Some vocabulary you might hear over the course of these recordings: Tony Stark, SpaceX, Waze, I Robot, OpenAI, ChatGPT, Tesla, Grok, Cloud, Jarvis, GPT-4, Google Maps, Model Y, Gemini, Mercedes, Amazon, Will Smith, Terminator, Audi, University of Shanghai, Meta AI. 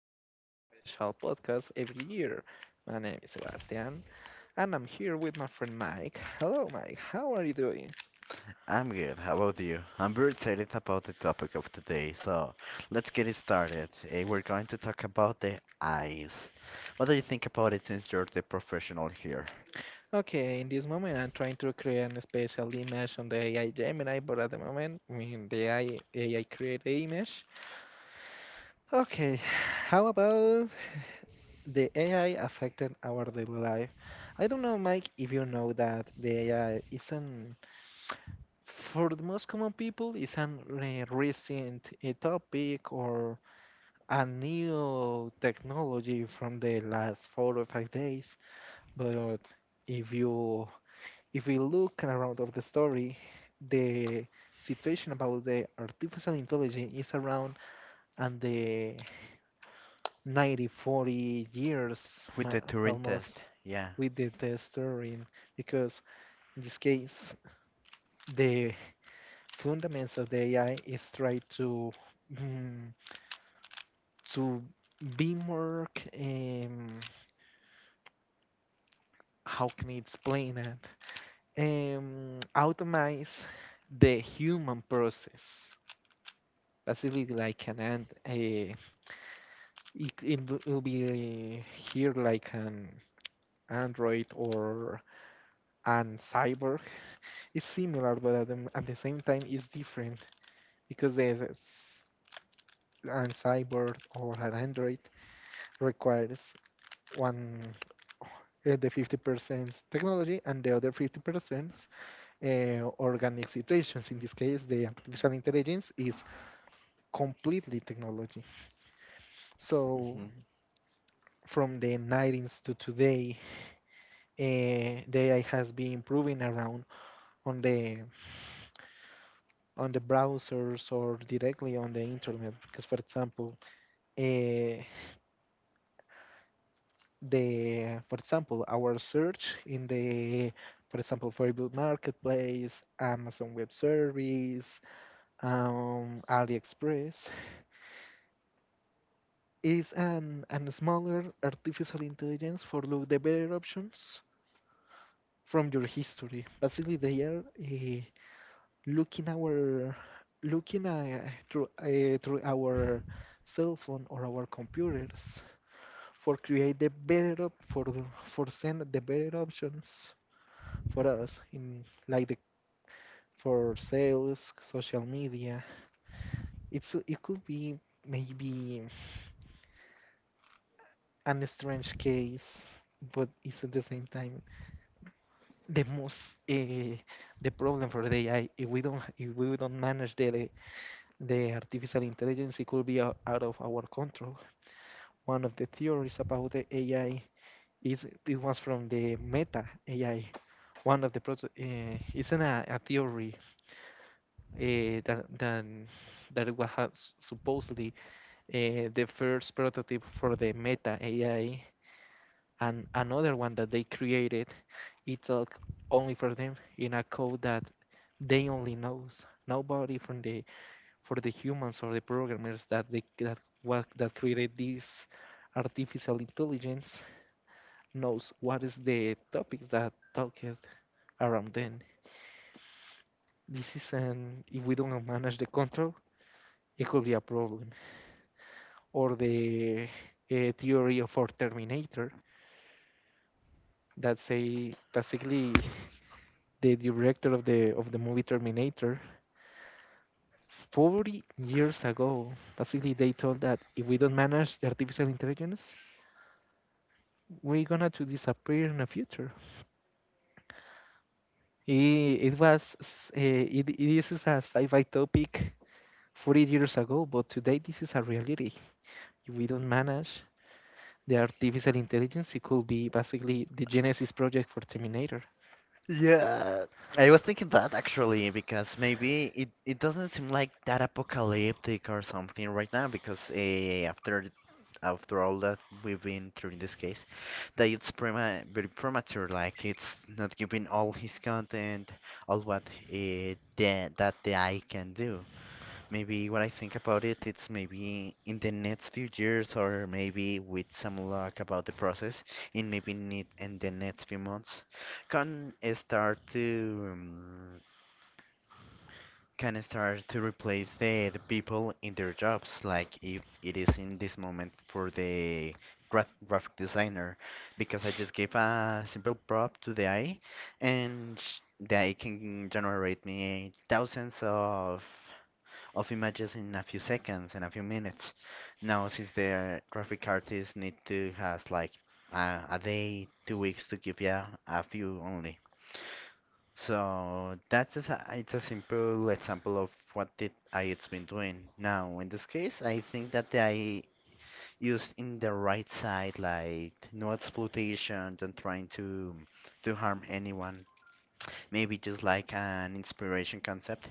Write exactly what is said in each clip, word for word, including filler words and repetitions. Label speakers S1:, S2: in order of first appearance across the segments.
S1: specific and special podcast every year. My name is Sebastian and I'm here with my friend Mike. Hello Mike, how are you doing?
S2: I'm good. How about you? I'm very excited about the topic of today, so let's get it started. Eh, We're going to talk about the eyes. What do you think about it since you're the professional here?
S1: Okay, in this moment I'm trying to create a special image on the A I Gemini, but at the moment, I mean the A I A I create the image. Okay, how about the A I affected our daily life? I don't know Mike if you know that the A I isn't for the most common people, it's a recent uh, topic or a new technology from the last four or five days. But if you if we look around of the story, the situation about the artificial intelligence is around and the ninety forty years
S2: With
S1: ma-
S2: the Turing
S1: almost
S2: test, yeah.
S1: with the, the story because in this case the Fundamentals of the A I is try to mm, to be more c- um, how can I explain it? Um, automate the human process. Basically, like an and uh, it it will will be here like an Android or an cyborg. It's similar, but at the, at the same time, it's different because the, an cyborg or an Android requires one uh, the fifty percent technology and the other fifty percent uh, organic situations. In this case, the artificial intelligence is completely technology. So
S2: Hmm.
S1: from the nineties to today, uh, the A I has been improving around on the on the browsers or directly on the internet. Because for example, uh, the for example our search in the for example, for Facebook Marketplace, Amazon Web Service, Um, AliExpress is an, an smaller artificial intelligence for look the better options from your history. Basically, they are uh, looking our looking uh, through uh, through our cell phone or our computers for create the better op for the- for send the better options for us in like the for sales, social media. It's it could be maybe. An strange case, but it's at the same time the most uh, the problem for the A I. If we don't if we don't manage the the artificial intelligence, it could be out, out of our control. One of the theories about the A I is it was from the Meta A I. One of the proto uh, it's an, a, a theory uh, that that that it was supposedly uh, the first prototype for the Meta A I, and another one that they created it's all only for them in a code that they only knows, nobody from the for the humans or the programmers that they that what that created this artificial intelligence knows what is the topics that talked around them. This is an, if we don't manage the control it could be a problem, or the uh, theory of our terminator that say basically the director of the of the movie Terminator forty years ago. Basically, they told that if we don't manage the artificial intelligence, we're gonna to disappear in the future. It, it was s- eh, it, it is a sci-fi topic forty years ago, but today this is a reality. If we don't manage the artificial intelligence, it could be basically the Genesis project for Terminator.
S2: Yeah, I was thinking that actually because maybe it, it doesn't seem like that apocalyptic or something right now because uh, after th- after all that we've been through in this case, that it's prema very premature, like it's not giving all his content, all what uh, the, that the eye can do. Maybe what I think about it, it's maybe in the next few years, or maybe with some luck about the process, and maybe need in the next few months, can start to um, can start to replace the the people in their jobs, like if it is in this moment for the graph graphic designer, because I just gave a simple prompt to the A I, and sh- the A I can generate me thousands of of images in a few seconds, in a few minutes. Now, since the graphic artists need to has like a, a day, two weeks to give you a few only. So that's just a, it's a simple example of what the it's been doing. Now, in this case, I think that I used in the right side, like no exploitation, don't trying to to harm anyone, maybe just like an inspiration concept,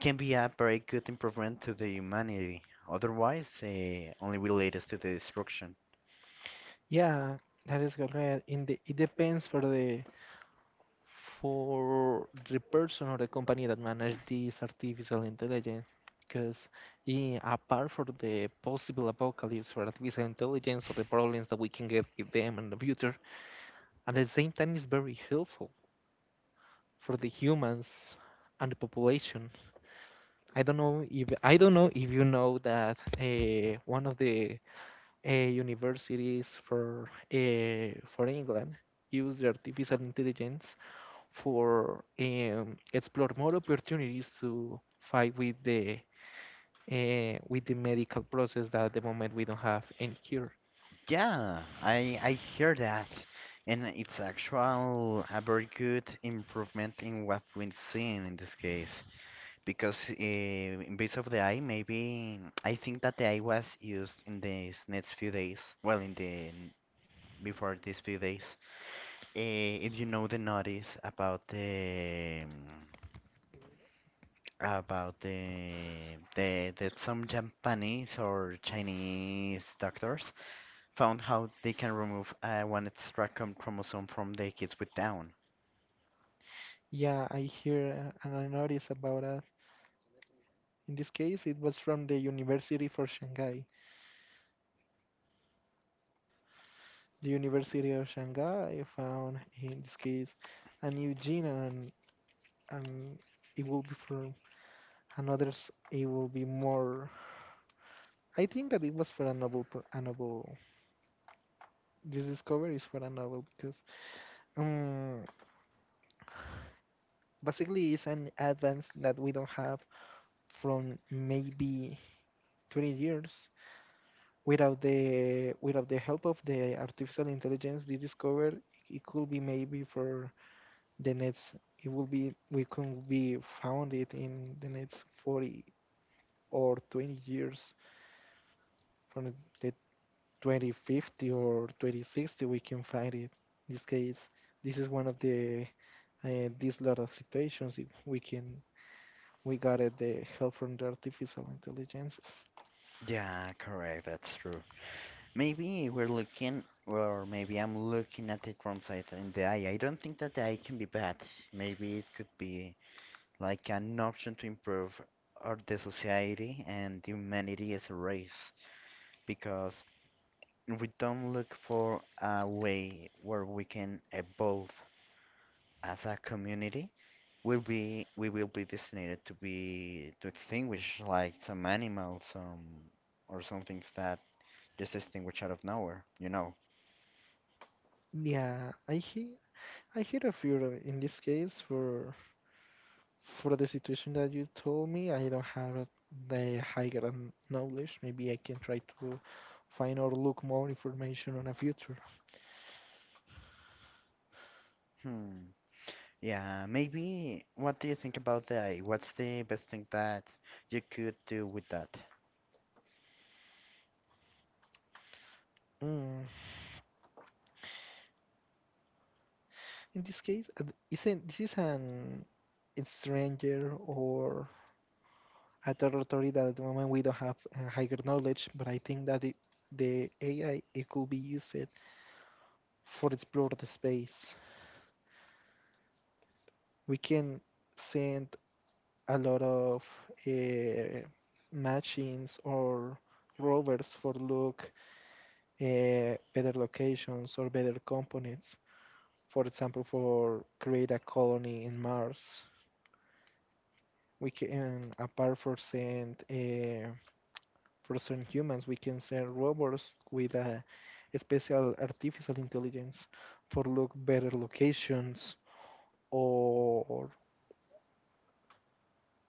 S2: can be a very good improvement to the humanity. Otherwise, uh, only will lead us to the destruction.
S1: Yeah, that is correct. In the, it depends for the for the person or the company that manage this artificial intelligence because eh, apart from the possible apocalypse for artificial intelligence or the problems that we can get with them in the future, at the same time it's very helpful for the humans and the population. i don't know if I don't know if you know that uh, one of the uh, universities for uh, for England use the artificial intelligence for um, explore more opportunities to fight with the uh, with the medical process that at the moment we don't have any cure.
S2: Yeah, I I hear that, and it's actual a very good improvement in what we've seen in this case. Because uh, in base of the eye, maybe I think that the eye was used in these next few days. Well, in the n- before these few days, uh, if you know the notice about the About the, the that some Japanese or Chinese doctors found how they can remove uh, one extra com- chromosome from the kids with Down.
S1: Yeah, I hear uh, and I notice about that. In this case, it was from the University for Shanghai. The University of Shanghai found, in this case, a new gene, and, and it will be from another. It will be more. I think that it was for a novel. pro- A novel. This discovery is for a novel because. um. basically it's an advance that we don't have from maybe twenty years without the without the help of the artificial intelligence they discovered it could be maybe for the next, it will be, we could be found it in the next forty or twenty years from the twenty fifty or twenty sixty we can find it. In this case, this is one of the uh, these lot of situations if we can, we got it, the help from the artificial intelligences.
S2: Yeah, correct, that's true. Maybe we're looking, or maybe I'm looking at it wrong side in the eye. I don't think that the eye can be bad. Maybe it could be like an option to improve or the society and humanity as a race. Because we don't look for a way where we can evolve as a community. We'll be we will be destined to be to extinguish like some animals, some or some things that just extinguish out of nowhere, you know.
S1: Yeah, I hear, I hear a few. Of- in this case for for the situation that you told me. I don't have a- The higher n- knowledge. Maybe I can try to find or look more information on a future.
S2: Hmm. Yeah, maybe what do you think about that? What's the best thing that you could do with that?
S1: Mm. In this case, uh, isn't this is an a stranger or a territory that at the moment we don't have uh, higher knowledge, but I think that it, the A I it could be used for explore the space. We can send a lot of uh, machines or rovers for look uh, better locations or better components. For example, for create a colony in Mars, we can apart for send uh, for certain humans, we can send robots with a special artificial intelligence for look better locations or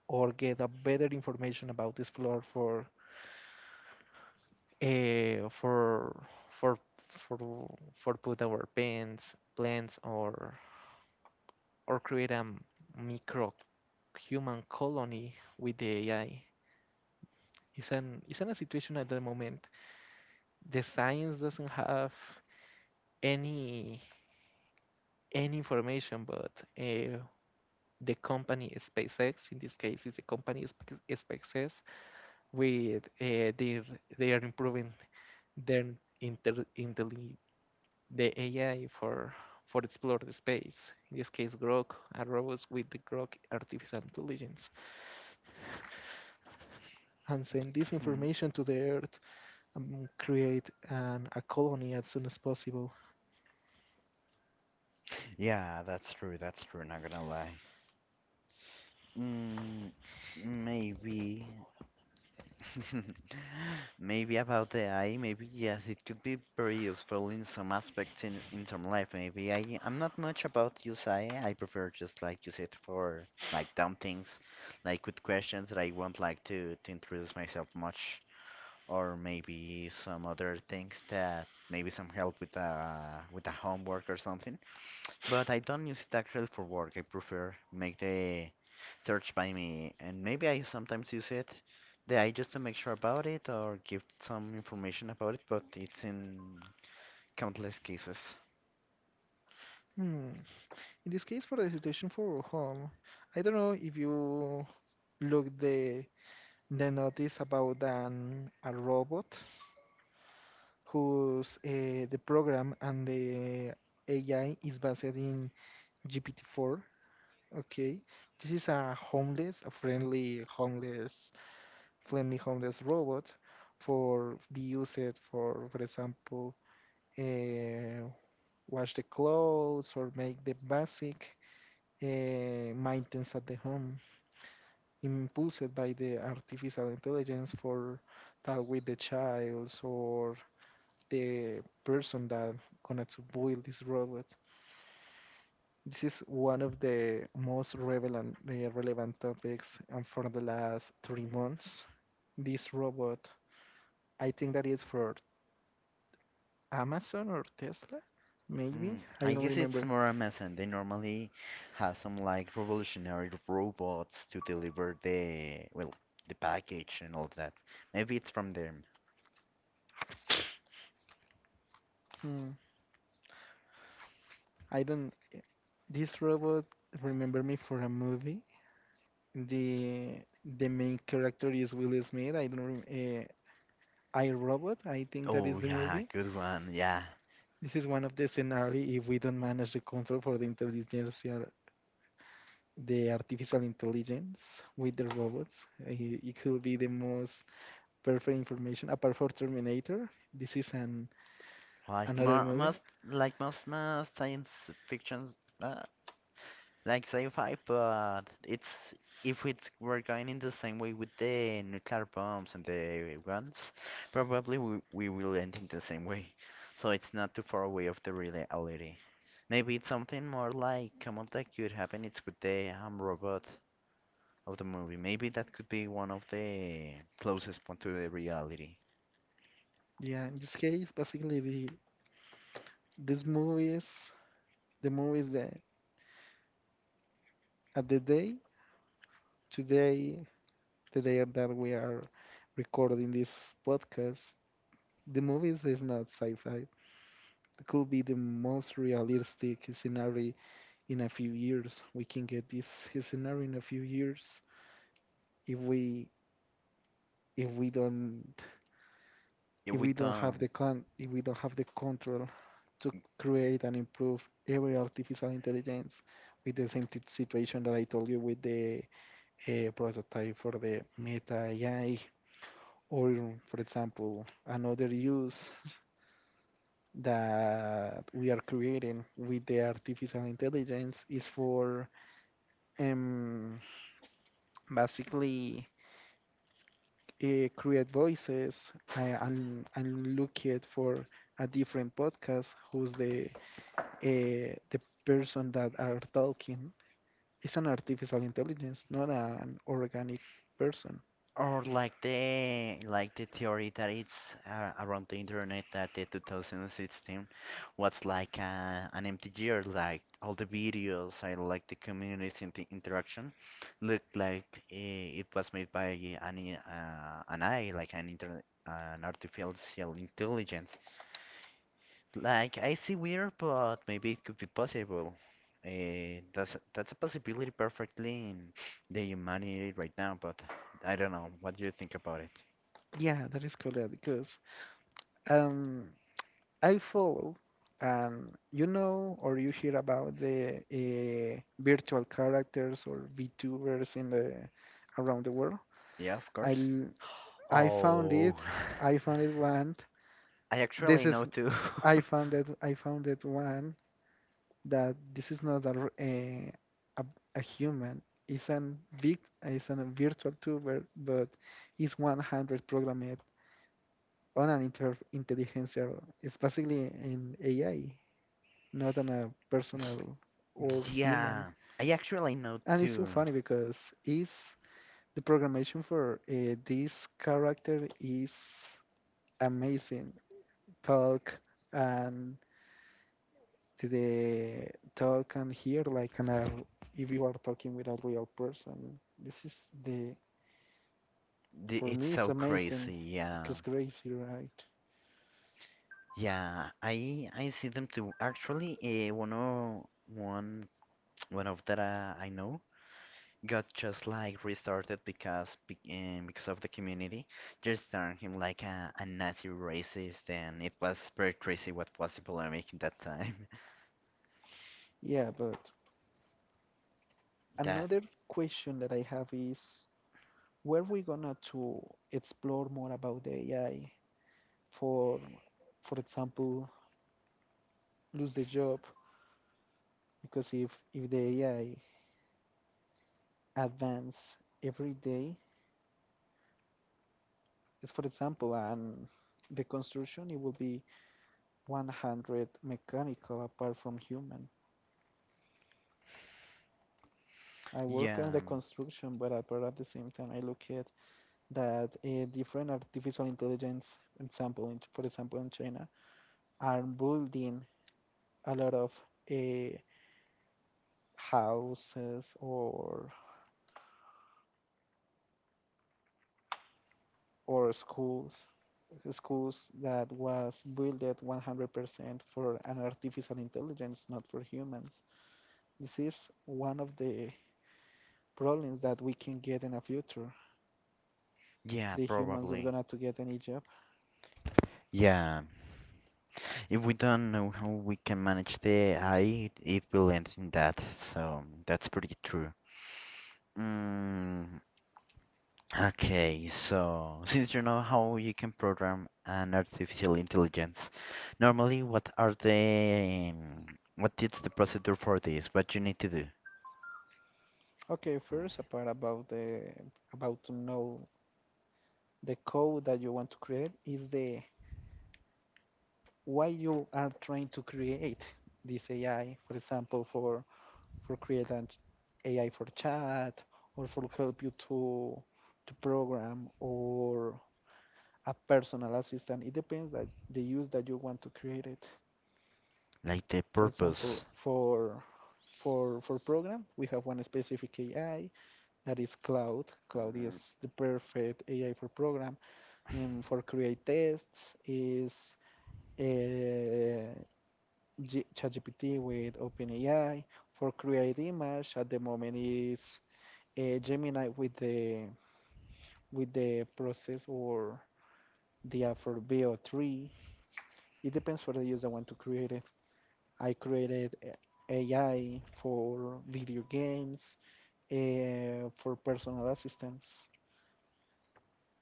S1: or get a better information about this floor for uh, for for for for put our pens plants or or create a micro human colony with the A I. It's an it's in a situation at the moment. The science doesn't have any any information, but uh, the company SpaceX, in this case, is the company SpaceX, with uh, their they are improving then inter intel the A I for for explore the space, in this case Grok, a robot with the Grok artificial intelligence, and send this
S2: Hmm.
S1: information to the Earth and create an, a colony as soon as possible.
S2: Yeah, that's true, that's true, not gonna lie. Mm, maybe. Maybe about the A I, maybe yes, it could be very useful in some aspects in, in some life. Maybe I I'm not much about use A I. I I prefer just like use it for like dumb things, like with questions that I won't like to to introduce myself much, or maybe some other things that maybe some help with uh with a homework or something. But I don't use it actually for work. I prefer make the search by me, and maybe I sometimes use it. The I just to make sure about it or give some information about it, but it's in countless cases.
S1: Hmm. In this case, for the situation for home, I don't know if you look the the notice about an a robot whose uh, the program and the A I is based in G P T four. Okay, this is a homeless, a friendly homeless, friendly homeless robot for be used for, for example, uh, wash the clothes or make the basic uh, maintenance at the home, impulsed by the artificial intelligence for talk with the child or the person that gonna to build this robot. This is one of the most relevant, uh, relevant topics and for the last three months. This robot, I think that is for Amazon or Tesla, maybe.
S2: Mm,
S1: I
S2: I
S1: don't
S2: guess it's
S1: remember.
S2: more Amazon. They normally have some like revolutionary robots to deliver the well, the package and all that. Maybe it's from them.
S1: Hmm. I don't. Eh, This robot remember me for a movie. The the main character is Will Smith. I don't. Rem, uh, I Robot. I think that is
S2: Oh
S1: the
S2: yeah,
S1: movie.
S2: good one. Yeah.
S1: This is one of the scenario if we don't manage the control for the intelligence the artificial intelligence with the robots. Uh, It could be the most perfect information apart from Terminator. This is an
S2: Like
S1: another
S2: mo
S1: movie.
S2: most, like most uh, science fictions, uh, like sci-fi, but it's if it were going in the same way with the nuclear bombs and the guns, probably we, we will end in the same way. So it's not too far away of the reality. Maybe it's something more like common that could happen. It's with the um, robot of the movie. Maybe that could be one of the closest one to the reality.
S1: Yeah, in this case, basically the this movie is the movies that at the day today the day that we are recording this podcast. The movies is not sci-fi. It could be the most realistic scenario in a few years. We can get this scenario in a few years if we if we don't
S2: If
S1: if
S2: we
S1: we don't have
S2: don't.
S1: the con if we don't have the control to create and improve every artificial intelligence with the same t- situation that I told you with the uh, prototype for the Meta A I, or for example, another use that we are creating with the artificial intelligence is for um, basically uh, create voices uh, and and look it for a different podcast who's the uh, the person that are talking, it's an artificial intelligence not an organic person.
S2: Or like the like the theory that it's uh, around the internet that the twenty sixteen was like uh, an empty year, like all the videos and like the communities in the interaction looked like eh, it was made by an i- uh, an A I, like an inter an artificial intelligence. Like I see weird, but maybe it could be possible. Uh, that's that's a possibility perfectly in the humanity right now, but I don't know. What do you think about it?
S1: Yeah, that is correct because um I follow, and you know or you hear about the uh, virtual characters or vtubers in the around the world.
S2: Yeah, of
S1: i
S2: course.
S1: l- I found
S2: Oh,
S1: it, I found it one.
S2: I actually
S1: This is,
S2: know too.
S1: I found that, I found that one that this is not a r- a, a, a human. It's an big it's a virtual tuber, but it's one hundred programmed on an inter intelligence. It's basically an A I, not on a personal or human.
S2: Yeah, I actually know
S1: And it's so
S2: too.
S1: funny because it's the programmation for uh, this character is amazing. Talk and to the talk and hear like an, a, if you are talking with a real person. This is the,
S2: The-
S1: for
S2: It's
S1: me it's
S2: so
S1: amazing
S2: crazy. Yeah,
S1: because crazy, right?
S2: yeah. I I see them too. Actually, uh, one of one one of that uh, I know. Got just like restarted because be- um, because of the community just turned him like a, a Nazi racist and it was very crazy what was people are making that time.
S1: Yeah, but
S2: That
S1: another question that I have is where we gonna to explore more about the A I for for example lose the job, because if if the A I advance every day, it's for example and the construction it will be one hundred mechanical apart from human. I work
S2: yeah
S1: on the
S2: um,
S1: construction, but, at- but at the same time, I look at that uh, different artificial intelligence example, in, for example, in China, are building a lot of uh, houses or or schools, schools that was built one hundred percent for an artificial intelligence, not for humans. This is one of the problems that we can get in the future.
S2: yeah
S1: The humans are
S2: probably
S1: gonna to get any job.
S2: yeah. If we don't know how we can manage the A I, it, it will end in that. So that's pretty true. Mm, okay, so since you know how you can program an artificial intelligence, normally what are the um, what is the procedure for this? What you need to do?
S1: Okay, first a part about the about to know the code that you want to create is the why you are trying to create this A I, for example, for for create an A I for chat or for help you to to program or a personal assistant. It depends that the use that you want to create it.
S2: Like the
S1: For example,
S2: purpose?
S1: for for for program, we have one specific A I that is Cloud. Cloud is the perfect A I for program. And for create tests is uh, ChatGPT with OpenAI. For create image, at the moment is uh, Gemini with the with the process or the app for B O three. It depends for the user want to create it. I created uh, A I for video games, uh, for personal assistance.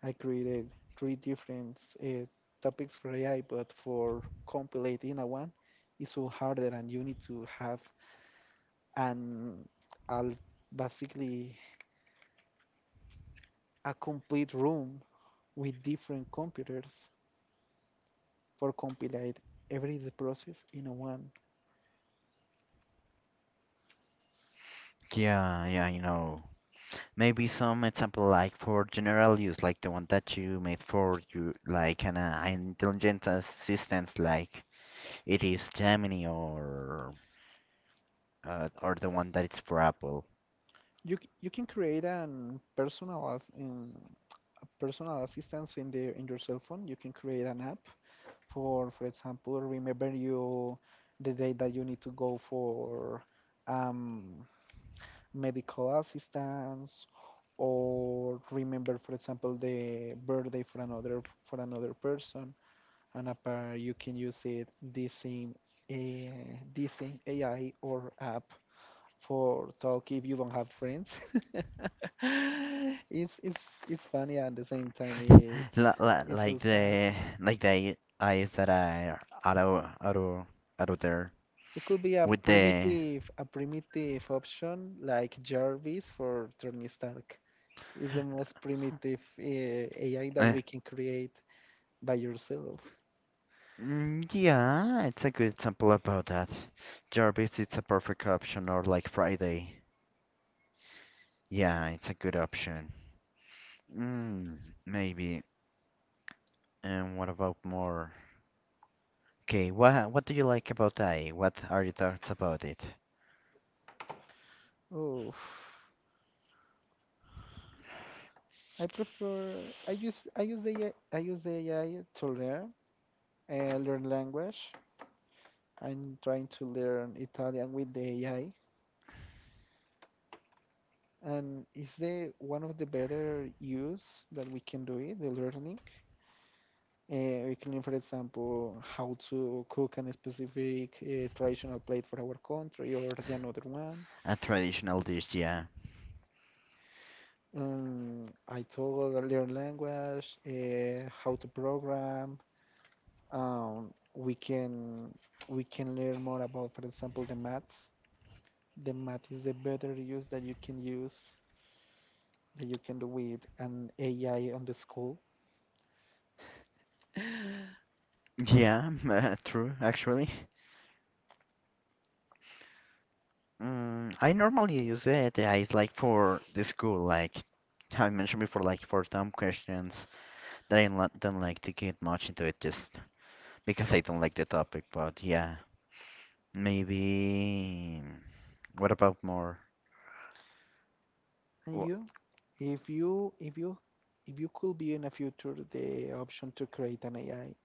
S1: I created three different uh, topics for A I, but for compilating a one, it's so harder, and you need to have an will basically a complete room with different computers for compilate every the process in a one.
S2: Yeah, yeah, I know. Maybe some example like for general use, like the one that you made for you, like an uh, intelligent assistant, like it is Gemini or uh, or the one that is for Apple.
S1: You you can create an personal as- um, a personal assistance in the in your cell phone. You can create an app for for example remember you the day that you need to go for um medical assistance or remember for example the birthday for another for another person and apart you can use it this same uh, this same A I or app for talk if you don't have friends it's it's it's funny and at the same time it's
S2: Li- li-
S1: it's so
S2: like
S1: sad.
S2: the like the eyes that are out of out of out of there
S1: It could be a
S2: with the
S1: primitive, a primitive option like Jarvis for Tony Stark. It's the most primitive uh, A I that
S2: uh,
S1: we can create by yourself.
S2: mm, yeah, it's a good example about that. Jarvis it's a perfect option or like Friday. Yeah, it's a good option. Mm, maybe. And what about more? Okay, what what do you like about Thai? What are your thoughts about it?
S1: Oh, I prefer. I use I use the A I, I I use the A I to learn uh, learn language. I'm trying to learn Italian with the A I, and it's the one of the better use that we can do it, the learning. Uh, we can, learn, for example, how to cook a specific uh, traditional plate for our country or the another one.
S2: A traditional dish, yeah.
S1: Um, I told learn language, uh, how to program. Um, we can we can learn more about, for example, the math. The math is the better use that you can use that you can do with an A I on the school.
S2: Yeah, uh, true, actually. Mm, I normally use it. Yeah, it's like for the school, like how I mentioned before, like for some questions that I lo- don't like to get much into it, just because I don't like the topic. But yeah, maybe. What about more?
S1: And
S2: Wh-
S1: you, if you if you if you could be in the future the option to create an A I,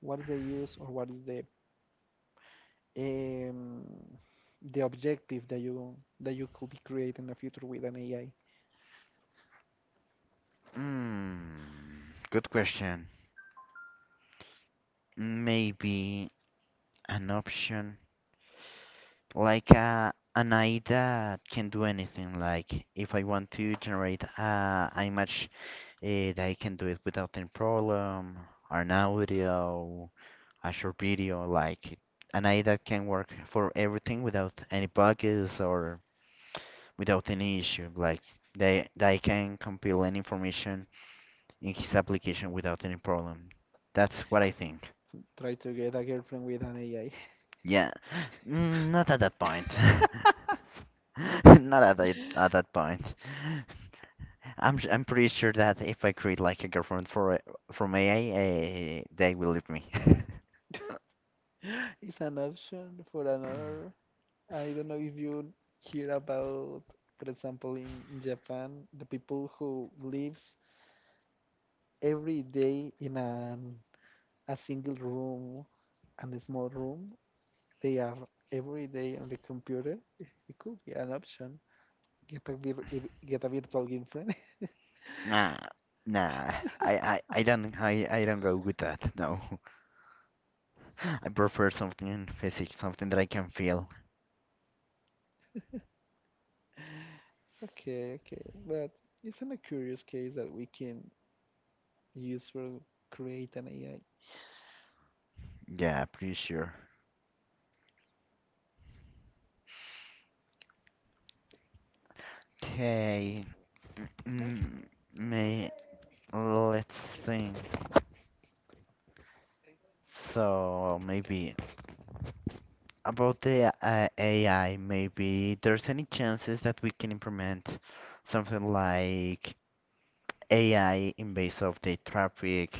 S1: what is the use or what is the um, the objective that you that you could be creating in the future with an A I?
S2: Mm, good question. Maybe an option, like uh, an A I that can do anything. Like if I want to generate uh, an image, uh, that I can do it without any problem, or an audio, a short video, like an A I that can work for everything without any bugs or without any issue. Like they they can compile any information in his application without any problem. That's what I think.
S1: Try to get a girlfriend with an A I.
S2: Yeah, mm, not at that point. Not at that, at that point. I'm s- I'm pretty sure that if I create like a girlfriend for a- from A I, uh, they will leave me.
S1: It's an option for another. I don't know if you hear about, for example, in, in Japan, the people who lives every day in an a single room, and a small room. They are every day on the computer. It could be an option get a vir- get a virtual girlfriend.
S2: Nah, nah. I, I, I don't I, I don't go with that. No, I prefer something physical, something that I can feel.
S1: Okay, okay. But isn't a curious case that we can use for create an A I?
S2: Yeah, pretty sure. Okay, mm, may let's think. So maybe about the uh, A I, maybe there's any chances that we can implement something like A I in base of the traffic,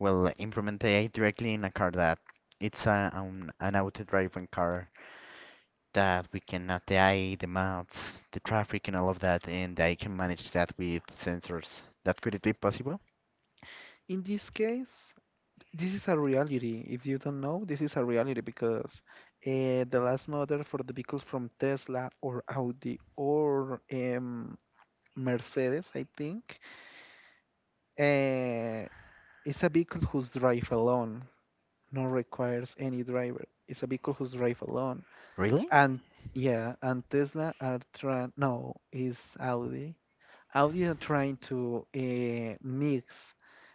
S2: will implement A I directly in a car that it's a, um, an auto-driving car that we can add the A I, the maps, the traffic, and all of that, and I can manage that with sensors. That could it be possible?
S1: In this case, this is a reality. If you don't know, this is a reality because uh, the last model for the vehicles from Tesla or Audi or um, Mercedes, I think, uh, it's a vehicle who's drive alone, no requires any driver. It's a vehicle who's drive alone.
S2: Really?
S1: And yeah, and Tesla are trying, no, is Audi. Audi are trying to uh, mix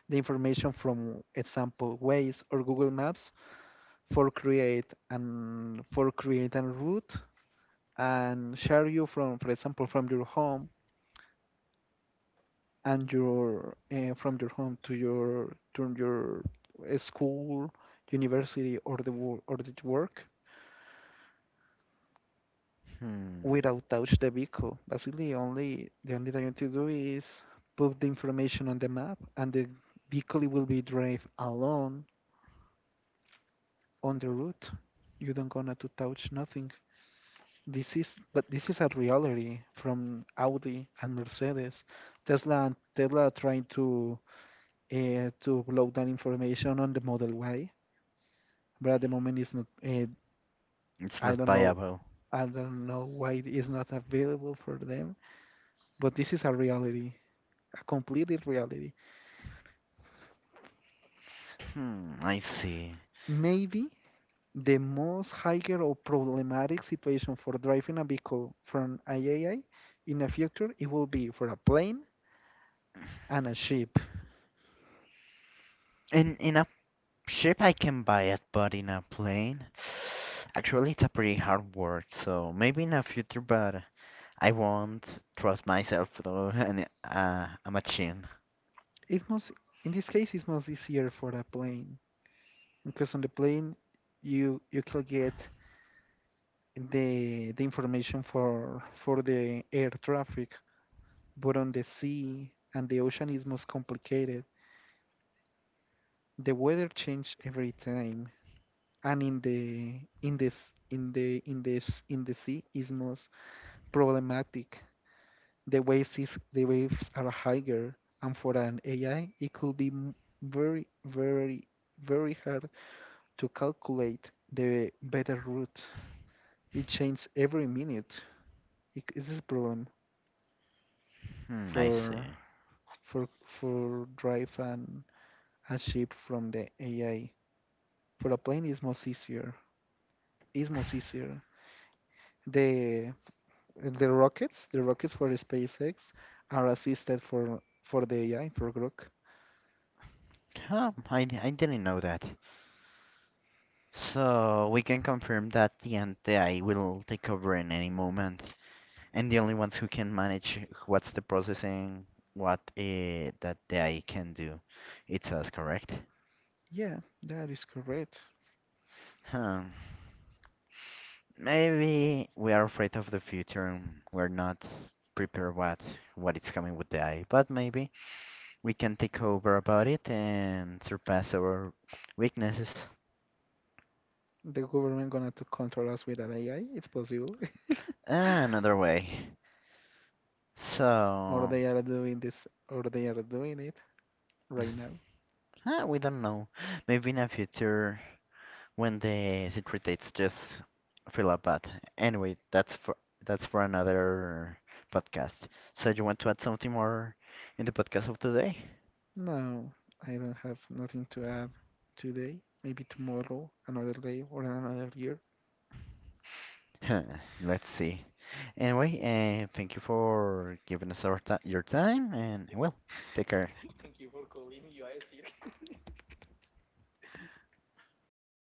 S1: the information from example Waze or Google Maps for create and for create a route and share you from, for example, from your home and your uh, from your home to your to your uh, school, university or the wo- or the work
S2: Hmm,
S1: without touch the vehicle. Basically, only the only thing you need to do is put the information on the map, and the vehicle will be drive alone on the route. You don't gonna to touch nothing. This is, but this is a reality from Audi and Mercedes. Tesla and Tesla are trying to uh, to upload that information on the Model Y, but at the moment it's not. Uh,
S2: it's
S1: I
S2: not
S1: don't know.
S2: viable.
S1: I don't know why it is not available for them. But this is a reality, a completely reality.
S2: Hmm, I see.
S1: Maybe the most higher or problematic situation for driving a vehicle from I A I in the future, it will be for a plane and a ship.
S2: In in a ship I can buy it, but in a plane, actually it's a pretty hard work. So maybe in a future, but I won't trust myself through an, uh, a machine.
S1: It must, in this case, it's much easier for a plane because on the plane you you can get the the information for for the air traffic, but on the sea and the ocean is most complicated. The weather change every time, and in the in this in the in this in the sea is most problematic. The waves is the waves are higher, and for an A I, it could be m- very very very hard to calculate the better route. It changes every minute. It is a problem
S2: Hmm, I
S1: for
S2: see.
S1: for for drive and a ship from the A I. For a plane, is much easier. Is much easier. The the rockets, the rockets for SpaceX are assisted for for the A I for Grok.
S2: Huh, I, I didn't know that. So we can confirm that the anti will take over in any moment, and the only ones who can manage what's the processing, what uh, that the A I can do, it's us, correct?
S1: Yeah, that is correct.
S2: Huh. Maybe we are afraid of the future and we're not prepared what what is coming with the A I, but maybe. We can take over about it and surpass our weaknesses
S1: The government gonna to control us with an A I. It's possible,
S2: another way.
S1: or
S2: So,
S1: they are doing this, or they are doing it right now.
S2: ah, we don't know. Maybe in the future when the secret dates just fill up. But anyway, that's for that's for another podcast. So, you want to add something more in the podcast of today?
S1: No, I don't have nothing to add today. Maybe tomorrow, another day, or another year.
S2: Let's see. Anyway, uh, thank you for giving us our your time, and well, take care.